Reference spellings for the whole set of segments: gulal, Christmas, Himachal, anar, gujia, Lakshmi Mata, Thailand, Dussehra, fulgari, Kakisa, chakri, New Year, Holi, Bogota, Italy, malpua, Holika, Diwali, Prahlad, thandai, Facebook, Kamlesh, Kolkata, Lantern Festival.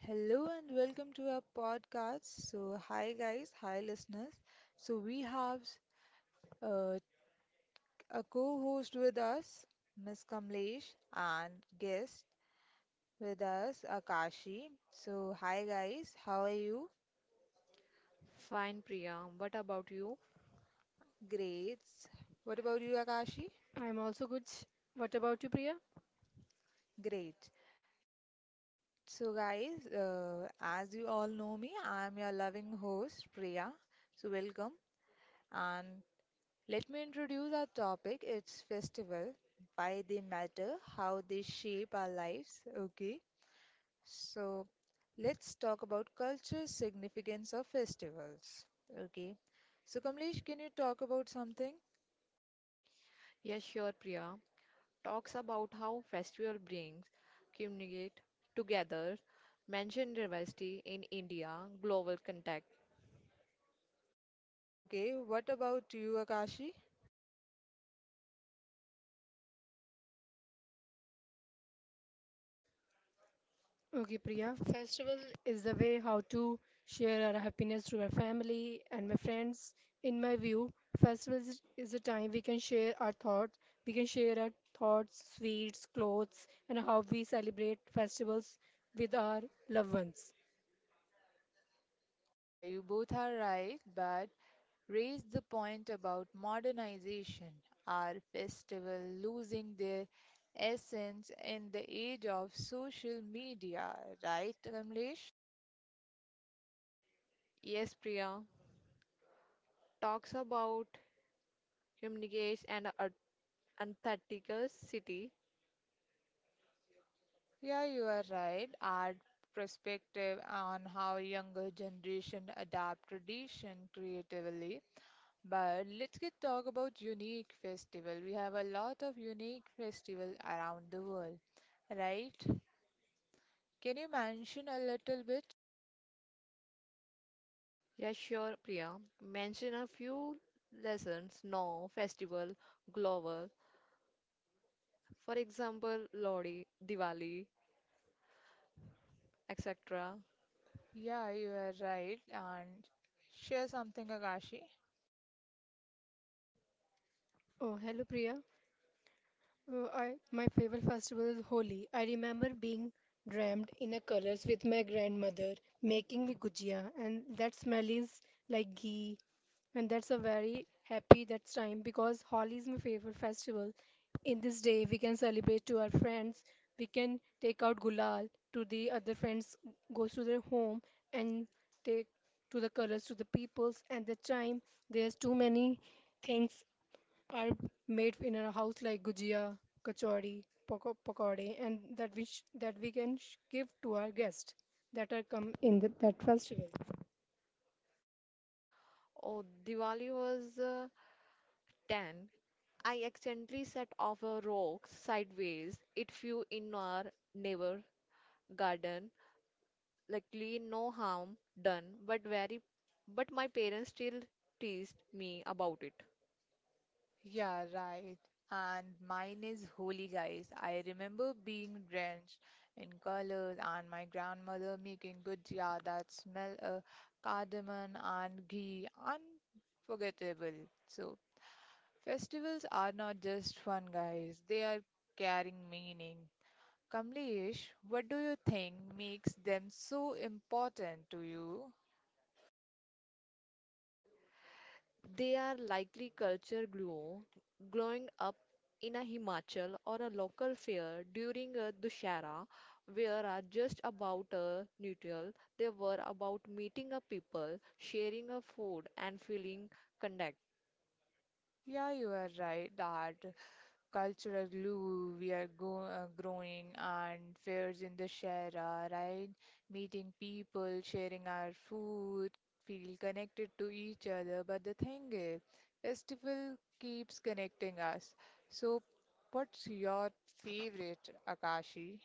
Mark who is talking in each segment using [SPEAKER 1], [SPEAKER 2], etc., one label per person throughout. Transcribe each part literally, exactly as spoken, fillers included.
[SPEAKER 1] Hello and welcome to our podcast. So, hi guys, hi listeners. So, we have uh, a co host with us, Miss Kamlesh, and guest with us, Akashi. So, hi guys, how are you?
[SPEAKER 2] Fine, Priya. What about you?
[SPEAKER 1] Great. What about you, Akashi?
[SPEAKER 3] I'm also good. What about you, Priya?
[SPEAKER 1] Great. So, guys, uh, as you all know me, I'm your loving host, Priya. So, welcome. And let me introduce our topic. It's festival. Why they matter, how they shape our lives. Okay. So let's talk about culture significance of festivals. Okay. So Kamlesh, can you talk about something?
[SPEAKER 2] Yes, sure, Priya. Talk about how festival brings communicate together, mention diversity in India, global contact.
[SPEAKER 1] Okay. What about you, Akashi?
[SPEAKER 3] Okay, Priya. Festival is the way how to share our happiness to our family and my friends. In my view, festivals is is a time we can share our thoughts, we can share our thoughts, sweets, clothes, and how we celebrate festivals with our loved ones.
[SPEAKER 1] Yeah, you both are right, but raise the point about modernization. Are festival losing their essence in the age of social media, right, Kamlesh?
[SPEAKER 2] Yes, Priya. Talks about communicates and art- Antarctica city.
[SPEAKER 1] Yeah, you are right. Our perspective on how younger generation adapt tradition creatively. But let's get talk about unique festival. We have a lot of unique festival around the world, right? Can you mention a little bit?
[SPEAKER 2] Yes, sure, Priya. Mention a few lessons, no festival, global. For example, Lodi, Diwali, et cetera.
[SPEAKER 1] Yeah, you are right. And share something, Akashi.
[SPEAKER 3] Oh, hello, Priya. Uh, I, my favorite festival is Holi. I remember being dreamed in a colors with my grandmother, making me gujia, and that smell is like ghee. And that's a very happy that time because Holi is my favorite festival. In this day, we can celebrate to our friends. We can take out gulal to the other friends, goes to their home and take to the colors to the peoples. And the time, there's too many things are made in our house like gujia, kachori, pako- pakode, and that which that we can sh- give to our guests that are come in the, that festival.
[SPEAKER 2] Oh, Diwali was uh, ten, I accidentally set off a rock sideways. It flew in our neighbor garden. Luckily, no harm done, but very but my parents still teased me about it.
[SPEAKER 1] Yeah, right. And mine is holy, guys. I remember being drenched in colors and my grandmother making gujia that smell of cardamom and ghee. Unforgettable. So, festivals are not just fun, guys. They are carrying meaning. Kamlesh, what do you think makes them so important to you?
[SPEAKER 2] They are likely culture glue growing up in a Himachal or a local fair during a Dussehra where are just about a neutral. They were about meeting a people, sharing a food and feeling content.
[SPEAKER 1] Yeah, you are right, Dad. Cultural glue we are go, uh, growing and fairs in the Shara, right? Meeting people, sharing our food, feel connected to each other. But the thing is, festival keeps connecting us. So, what's your favorite, Akashi?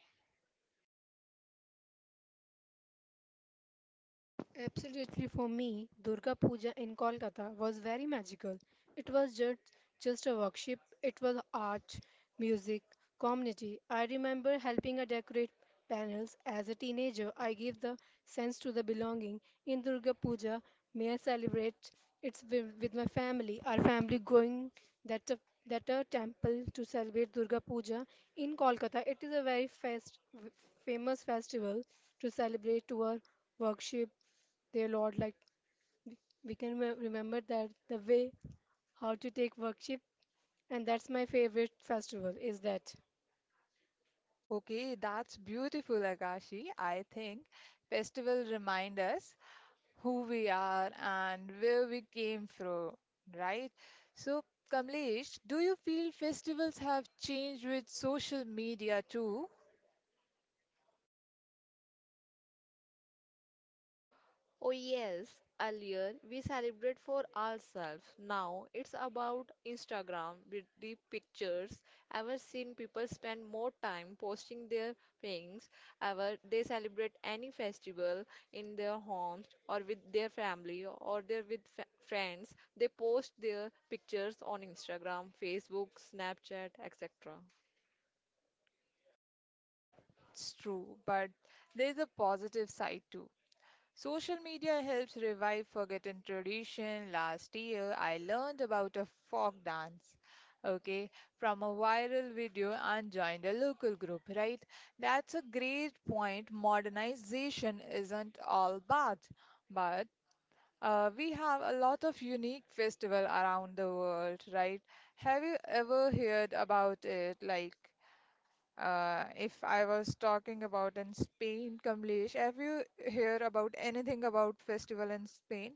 [SPEAKER 3] Absolutely, for me, Durga Puja in Kolkata was very magical. It was just, just a workshop, it was art, music, community. I remember helping her decorate panels as a teenager. I gave the sense to the belonging. In Durga Puja, may I celebrate it's with, with my family, our family going that a, that a temple to celebrate Durga Puja in Kolkata. It is a very fast, famous festival to celebrate to our worship their Lord. Like we can re- remember that the way how to take worship, and that's my favorite festival. Is that?
[SPEAKER 1] Okay, that's beautiful, Akashi. I think festival remind us who we are and where we came from, right? So, Kamlesh, do you feel festivals have changed with social media too?
[SPEAKER 2] Oh, yes, earlier we celebrate for ourselves. Now it's about Instagram with the pictures. I've seen people spend more time posting their things. Ever they celebrate any festival in their homes or with their family or they're with fa- friends. They post their pictures on Instagram, Facebook, Snapchat, et cetera.
[SPEAKER 1] That's true, but there's a positive side too. Social media helps revive forgotten tradition. Last year, I learned about a folk dance, okay, from a viral video and joined a local group, right? That's a great point. Modernization isn't all bad, but Uh, we have a lot of unique festival around the world, right? Have you ever heard about it? Like, uh, if I was talking about in Spain, Kamlesh, have you heard about anything about festival in Spain?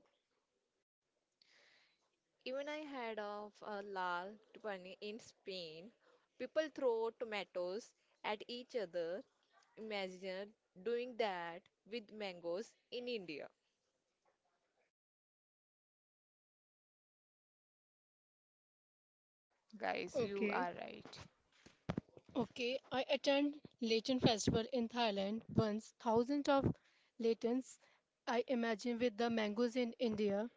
[SPEAKER 2] Even I had of a last one in Spain. People throw tomatoes at each other. Imagine doing that with mangoes in India.
[SPEAKER 1] Guys, you
[SPEAKER 3] Okay.
[SPEAKER 1] are right.
[SPEAKER 3] Okay, I attend Lenten Festival in Thailand once. Thousands of Latins, I imagine, with the mangoes in India.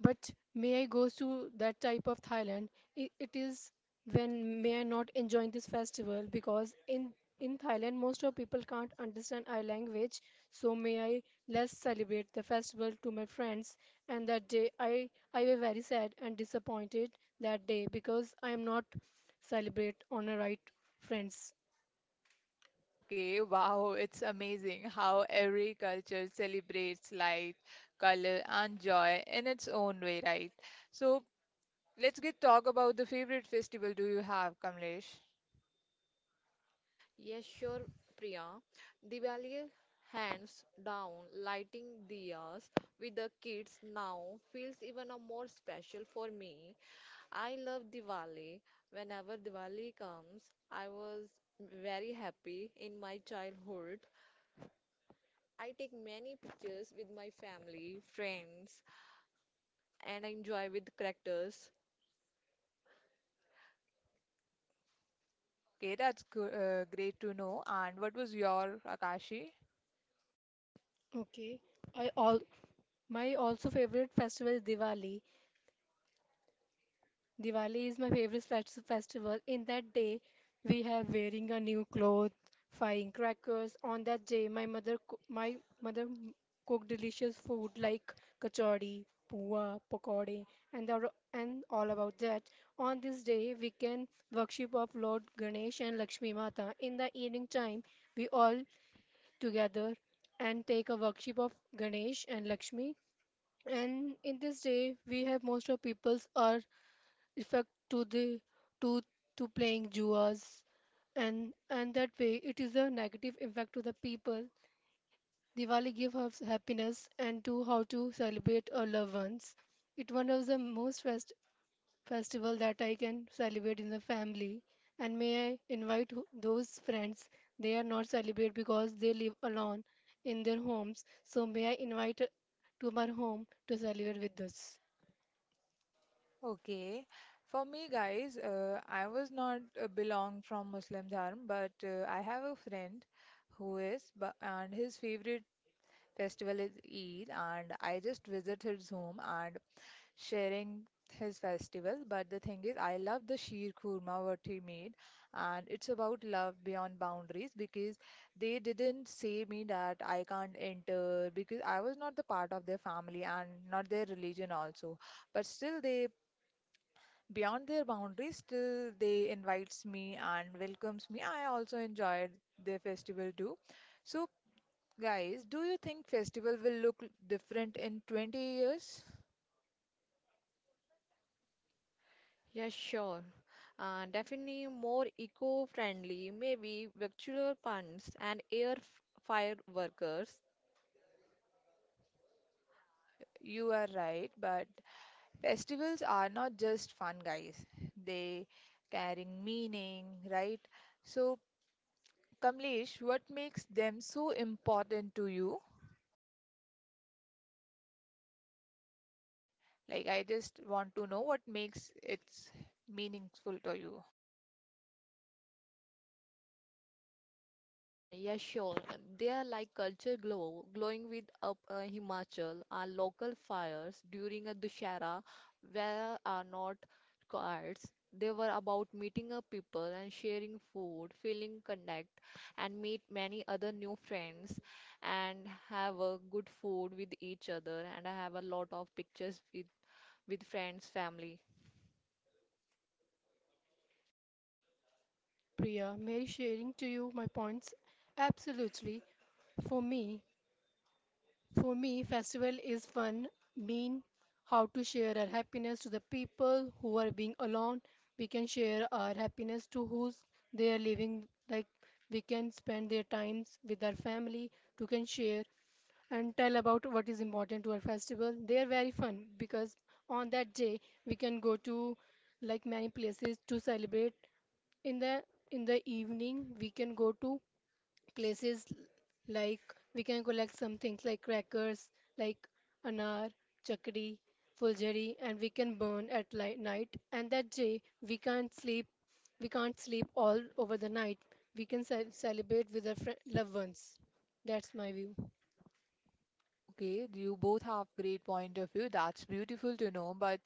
[SPEAKER 3] But may I goes to that type of Thailand. i- It is when may I not enjoy this festival because in in Thailand most of people can't understand our language. So may I less celebrate the festival to my friends. And that day I I were very sad and disappointed that day because I am not celebrate on a right friends.
[SPEAKER 1] Okay, wow, it's amazing how every culture celebrates light, color, and joy in its own way, right? So let's get talk about the favorite festival do you have, Kamlesh?
[SPEAKER 2] Yes, sure, Priya. Diwali, hands down, lighting diyas with the kids now feels even a more special for me. I love Diwali. Whenever Diwali comes, I was very happy in my childhood. I take many pictures with my family, friends, and I enjoy with the characters.
[SPEAKER 1] Okay, that's good, uh, great to know. And what was your Akashi?
[SPEAKER 3] Okay. I all my also favorite festival is Diwali. Diwali is my favorite fest- festival. In that day, we have wearing a new cloth, firing crackers. On that day, my mother coo- my mother m- cooked delicious food like kachori, puwa, pakode, and all, and all about that. On this day, we can worship of Lord Ganesh and Lakshmi Mata. In the evening time, we all together and take a worship of Ganesh and Lakshmi. And in this day, we have most of peoples are effect to the to to playing juas and and that way it is a negative impact to the people. Diwali gives us happiness and to how to celebrate our loved ones. It one of the most fest festival that I can celebrate in the family, and may I invite who- those friends they are not celebrate because they live alone in their homes. So may I invite uh, to my home to celebrate with us.
[SPEAKER 1] Okay, for me, guys, uh, I was not uh, belong from Muslim dharm, but uh, I have a friend who is, but and his favorite festival is Eid, and I just visit his home, and sharing his festival. But the thing is, I love the sheer kurma what he made, and it's about love beyond boundaries because they didn't say me that I can't enter because I was not the part of their family and not their religion also. But still, they beyond their boundaries, still they invites me and welcomes me. I also enjoyed their festival too. So, guys, do you think festival will look different in twenty years?
[SPEAKER 2] Yeah, sure. Uh, definitely more eco-friendly, maybe virtual funds and air f- fire workers.
[SPEAKER 1] Uh, you are right, but festivals are not just fun, guys. They carrying meaning, right? So, Kamlesh, what makes them so important to you? Like, I just want to know what makes it meaningful to you.
[SPEAKER 2] Uh, yeah, sure. They are like culture glow, glowing with up uh, Himachal. Our local fires during a Dussehra where are not cards. They were about meeting up people and sharing food, feeling connect, and meet many other new friends, and have a good food with each other. And I have a lot of pictures with with friends, family.
[SPEAKER 3] Priya. Mary sharing to you my points. Absolutely. For me, for me, festival is fun, mean how to share our happiness to the people who are being alone. We can share our happiness to who's they are living. Like we can spend their times with our family to can share and tell about what is important to our festival. They are very fun because on that day we can go to like many places to celebrate. In the in the evening we can go to places like we can collect some things like crackers, like anar, chakri, fulgari, and we can burn at li- night. And that day we can't sleep. We can't sleep all over the night. We can ce- celebrate with our fri loved ones. That's my view.
[SPEAKER 1] Okay, you both have great point of view. That's beautiful to know. But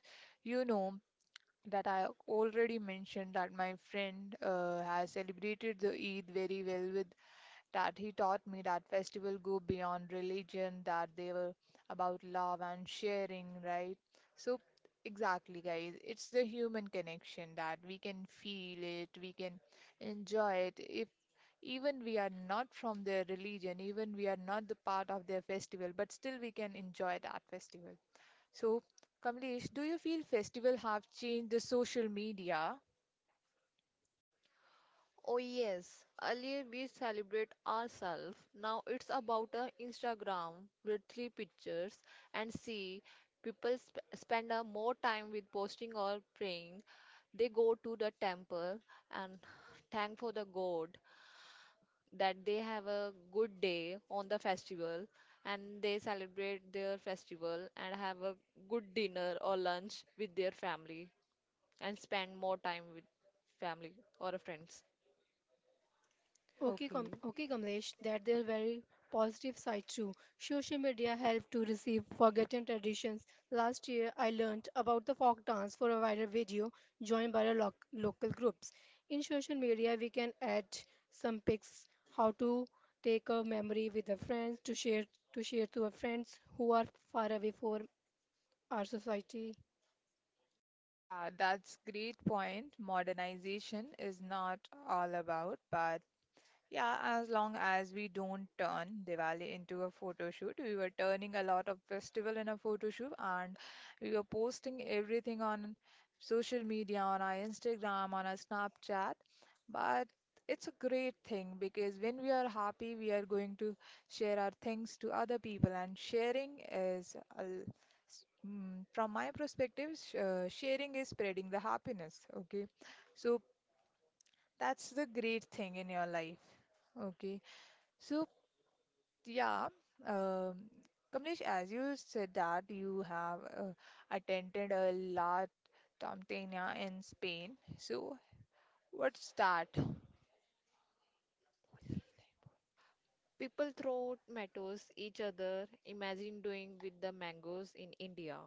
[SPEAKER 1] you know that I already mentioned that my friend uh, has celebrated the Eid very well with that he taught me that festival go beyond religion, that they were about love and sharing, right? So exactly guys, it's the human connection that we can feel it, we can enjoy it. If even we are not from their religion, even we are not the part of their festival, but still we can enjoy that festival. So Kamlesh, do you feel festival have changed the social media?
[SPEAKER 2] Oh, yes, earlier we celebrate ourselves. Now it's about a Instagram with three pictures, and see people sp- spend a more time with posting or praying. They go to the temple and thank for the God that they have a good day on the festival, and they celebrate their festival and have a good dinner or lunch with their family and spend more time with family or friends.
[SPEAKER 3] Okay, Kam-
[SPEAKER 1] Okay.
[SPEAKER 3] okay, Kamlesh, that there are very positive side too. Social media helped to receive forgotten traditions. Last year, I learned about the folk dance for a viral video joined by a loc local groups. In social media, we can add some pics, how to take a memory with the friends to share to share to our friends who are far away from our society.
[SPEAKER 1] Yeah, that's great point. Modernization is not all about, but yeah, as long as we don't turn Diwali into a photo shoot, we were turning a lot of festival in a photo shoot and we were posting everything on social media, on our Instagram, on our Snapchat. But it's a great thing because when we are happy, we are going to share our things to other people, and sharing is, a l- s- mm, from my perspective, sh- uh, sharing is spreading the happiness. Okay, so that's the great thing in your life. Okay. So, yeah, um, Kamlesh, as you said that you have uh, attended a large Tamtena in Spain. So, what's that?
[SPEAKER 2] People throw tomatoes each other. Imagine doing with the mangoes in India.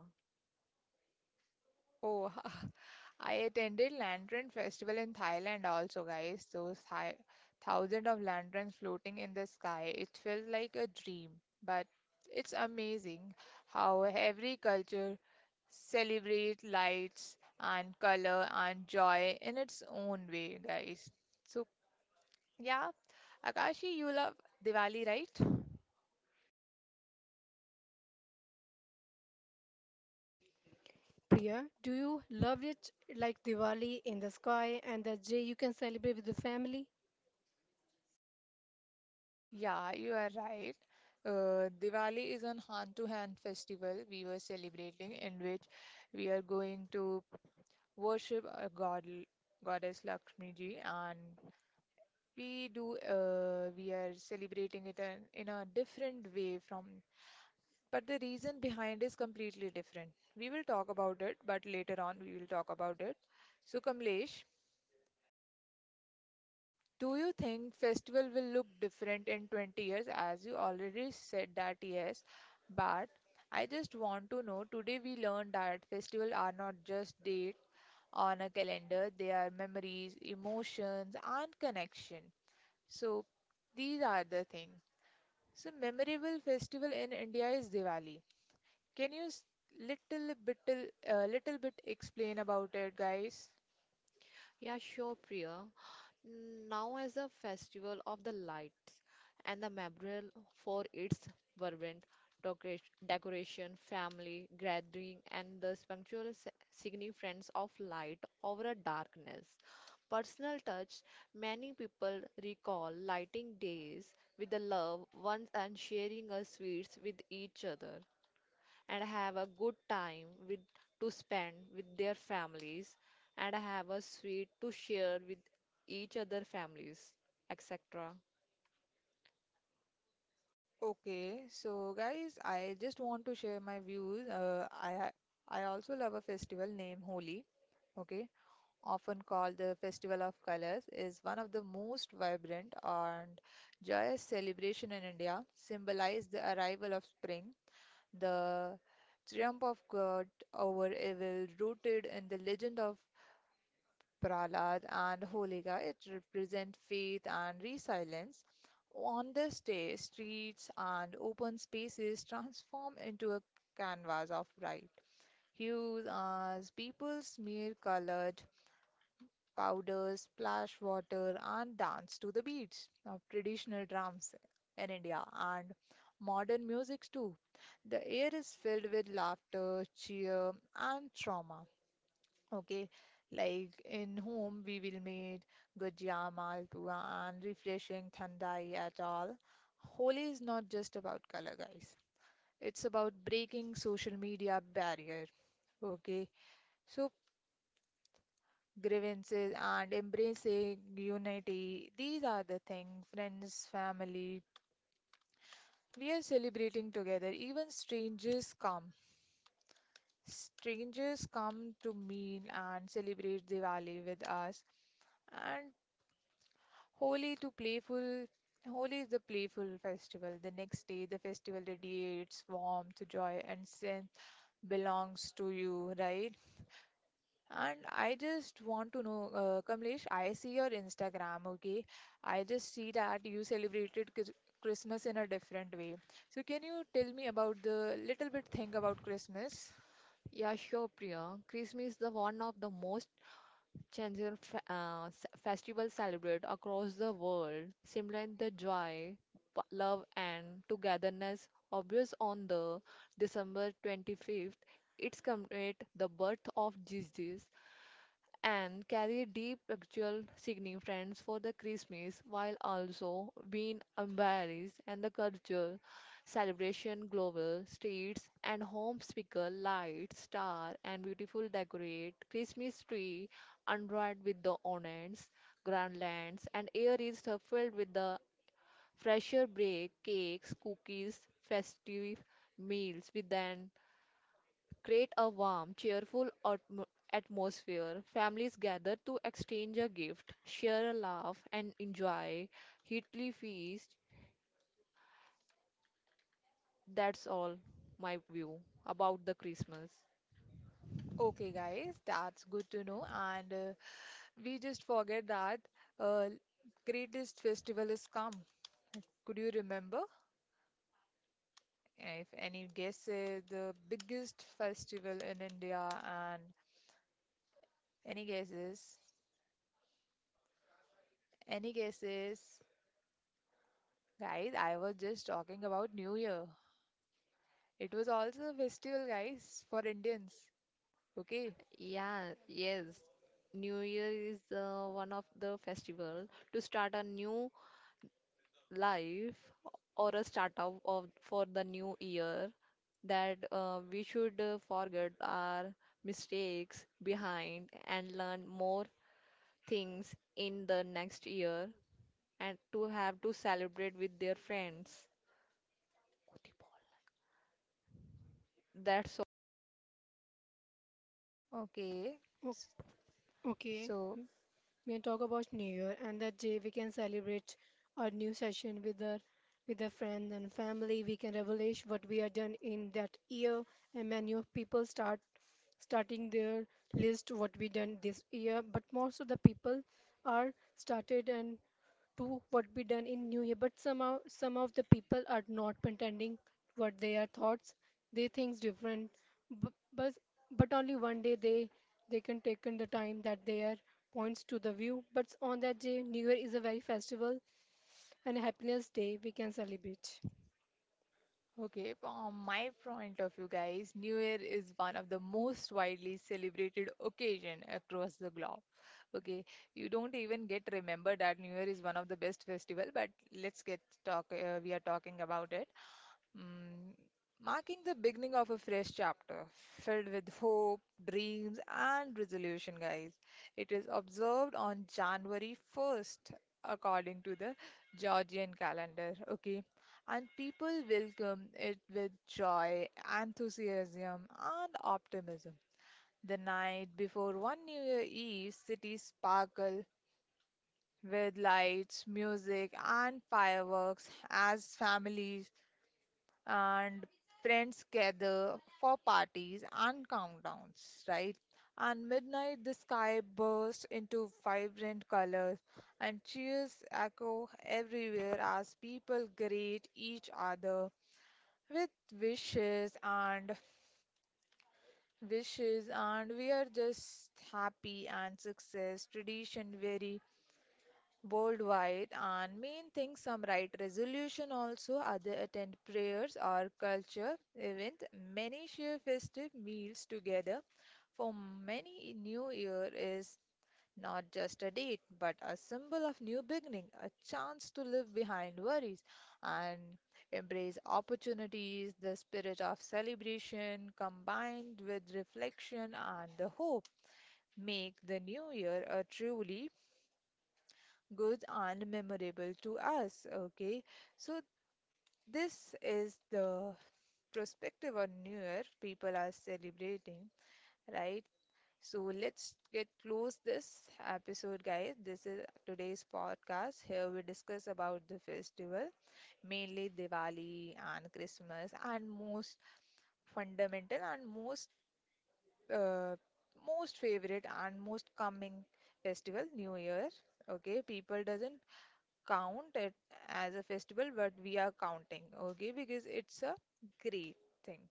[SPEAKER 1] Oh, I attended Lantern Festival in Thailand also, guys. Those thou- thousands of lanterns floating in the sky. It felt like a dream, but it's amazing how every culture celebrate lights and color and joy in its own way, guys. So, yeah, Akashi, you love Diwali, right?
[SPEAKER 3] Priya, do you love it like Diwali in the sky and that day you can celebrate with the family?
[SPEAKER 1] Yeah, you are right. Uh, Diwali is an hand-to-hand festival we were celebrating in which we are going to worship our god, goddess Lakshmi ji, and we do uh, we are celebrating it in, in a different way from, but the reason behind is completely different. We will talk about it, but later on we will talk about it. So Kamlesh, do you think festival will look different in twenty years, as you already said that yes, but I just want to know today we learned that festival are not just date on a calendar, they are memories, emotions and connection. So these are the thing. So memorable festival in India is Diwali. Can you s- little bit uh, little bit explain about it, guys?
[SPEAKER 2] Yeah, sure, Priya. Now as a festival of the lights and the memorial for its vibrant decorat- decoration, family gathering, and the spiritual s- significance of light over darkness. Personal touch. Many people recall lighting days with the loved ones and sharing a sweets with each other, and have a good time with to spend with their families, and have a sweet to share with each other families, etc.
[SPEAKER 1] Okay, so guys, I just want to share my views. Uh, I ha- I also love a festival named Holi. Okay, often called the Festival of Colors, is one of the most vibrant and joyous celebration in India. Symbolize the arrival of spring. The triumph of God over evil, rooted in the legend of Prahlad and Holika, it represents faith and resilience. On this day, streets and open spaces transform into a canvas of bright hues as people smear colored powders, splash water, and dance to the beats of traditional drums in India and modern musics too. The air is filled with laughter, cheer, and trauma. Okay, like in home we will meet gujia, malpua, and refreshing thandai at all. Holi is not just about color, guys. It's about breaking social media barrier. Okay, so grievances and embracing unity. These are the things, friends, family. We are celebrating together. Even strangers come. Strangers come to meet and celebrate Diwali with us. And Holi to playful. Holi is the playful festival. The next day, the festival radiates warmth, joy, and sense belongs to you, right? And I just want to know, uh, Kamlesh, I see your Instagram, okay? I just see that you celebrated Chris- Christmas in a different way. So can you tell me about the little bit thing about Christmas?
[SPEAKER 2] Yeah, sure, Priya. Christmas is the one of the most changeable fe- uh, s- festival celebrated across the world, symbolizing the joy, p- love and togetherness. Obvious on the December twenty-fifth, it's commemorate the birth of Jesus and carry deep actual significance for the Christmas, while also being embraced and the cultural celebration global. Streets and home speaker lights, star and beautiful decorate Christmas tree adorned with the ornaments, garlands, and air is stuffed with the fresher break cakes, cookies, festive meals with an create a warm, cheerful atmo- atmosphere. Families gather to exchange a gift, share a laugh, and enjoy Italy feast. That's all my view about the Christmas.
[SPEAKER 1] Okay, guys, that's good to know. And uh, we just forget that uh, greatest festival is come. Could you remember? If any guesses, the biggest festival in India and any guesses? Any guesses? Guys, I was just talking about New Year. It was also a festival, guys, for Indians. Okay,
[SPEAKER 2] Yeah, yes. New Year is uh, one of the festival to start a new life or a start of, of for the new year, that uh, we should uh, forget our mistakes behind and learn more things in the next year and to have to celebrate with their friends. That's all.
[SPEAKER 1] okay.
[SPEAKER 3] O-
[SPEAKER 1] S-
[SPEAKER 3] Okay,
[SPEAKER 1] So,
[SPEAKER 3] we can talk about New Year, and that day we can celebrate our new session with our with our friends and family. We can relish what we have done in that year, and many of people start starting their list what we done this year. But most of the people are started and to what be done in new year, but somehow some of the people are not pretending what their thoughts they thinks different bu- but but only one day they they can take in the time that their points to the view. But on that day new year is a very festival and happiness day we can celebrate.
[SPEAKER 1] okay, from my point of view, guys, New Year is one of the most widely celebrated occasion across the globe. Okay, you don't even get remembered that New Year is one of the best festival, but let's get talk. Uh, we are talking about it. Mm, marking the beginning of a fresh chapter filled with hope, dreams, and resolution, guys. It is observed on January first, according to the Georgian calendar. Okay, and people welcome it with joy, enthusiasm, and optimism. The night before one New Year Eve, cities sparkle with lights, music, and fireworks as families and friends gather for parties and countdowns, right? And midnight, the sky bursts into vibrant colors, and cheers echo everywhere as people greet each other with wishes and wishes, and we are just happy and success. Tradition vary worldwide, and main thing some right resolution also other attend prayers or culture event, many share festive meals together. For many, new year is not just a date but a symbol of new beginning, a chance to live behind worries and embrace opportunities. The spirit of celebration combined with reflection and the hope make the new year a truly good and memorable to us. Okay, so this is the perspective on New Year people are celebrating, right? So let's get close this episode, guys. This is today's podcast. Here we discuss about the festival, mainly Diwali and Christmas, and most fundamental and most uh, most favorite and most coming festival, New Year. Okay, people doesn't count it as a festival, but we are counting, okay, because it's a great thing.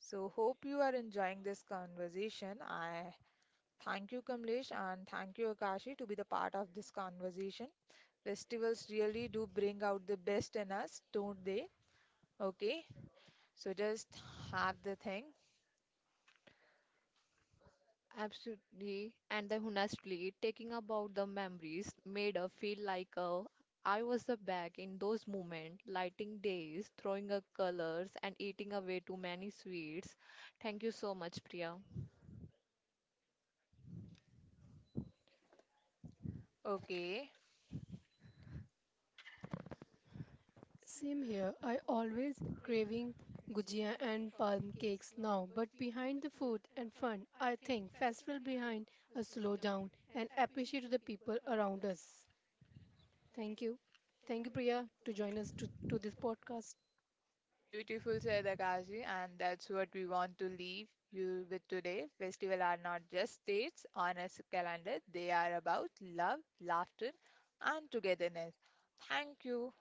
[SPEAKER 1] So, hope you are enjoying this conversation. I thank you, Kamlesh, and thank you, Akashi, to be the part of this conversation. Festivals really do bring out the best in us, don't they? Okay, so just have the thing.
[SPEAKER 2] Absolutely. And then honestly, taking about the memories made her feel like uh, I was the back in those moments, lighting days, throwing up colors, and eating away too many sweets. Thank you so much, Priya.
[SPEAKER 1] Okay,
[SPEAKER 3] Same here, I always craving gujia and palm cakes now, but behind the food and fun I think festival behind a slow down and appreciate the people around us. Thank you. Thank you, Priya, to join us to, to this podcast.
[SPEAKER 1] beautiful said Akashi, and that's what we want to leave you with today. Festivals are not just dates on a s- calendar, they are about love, laughter, and togetherness. Thank you.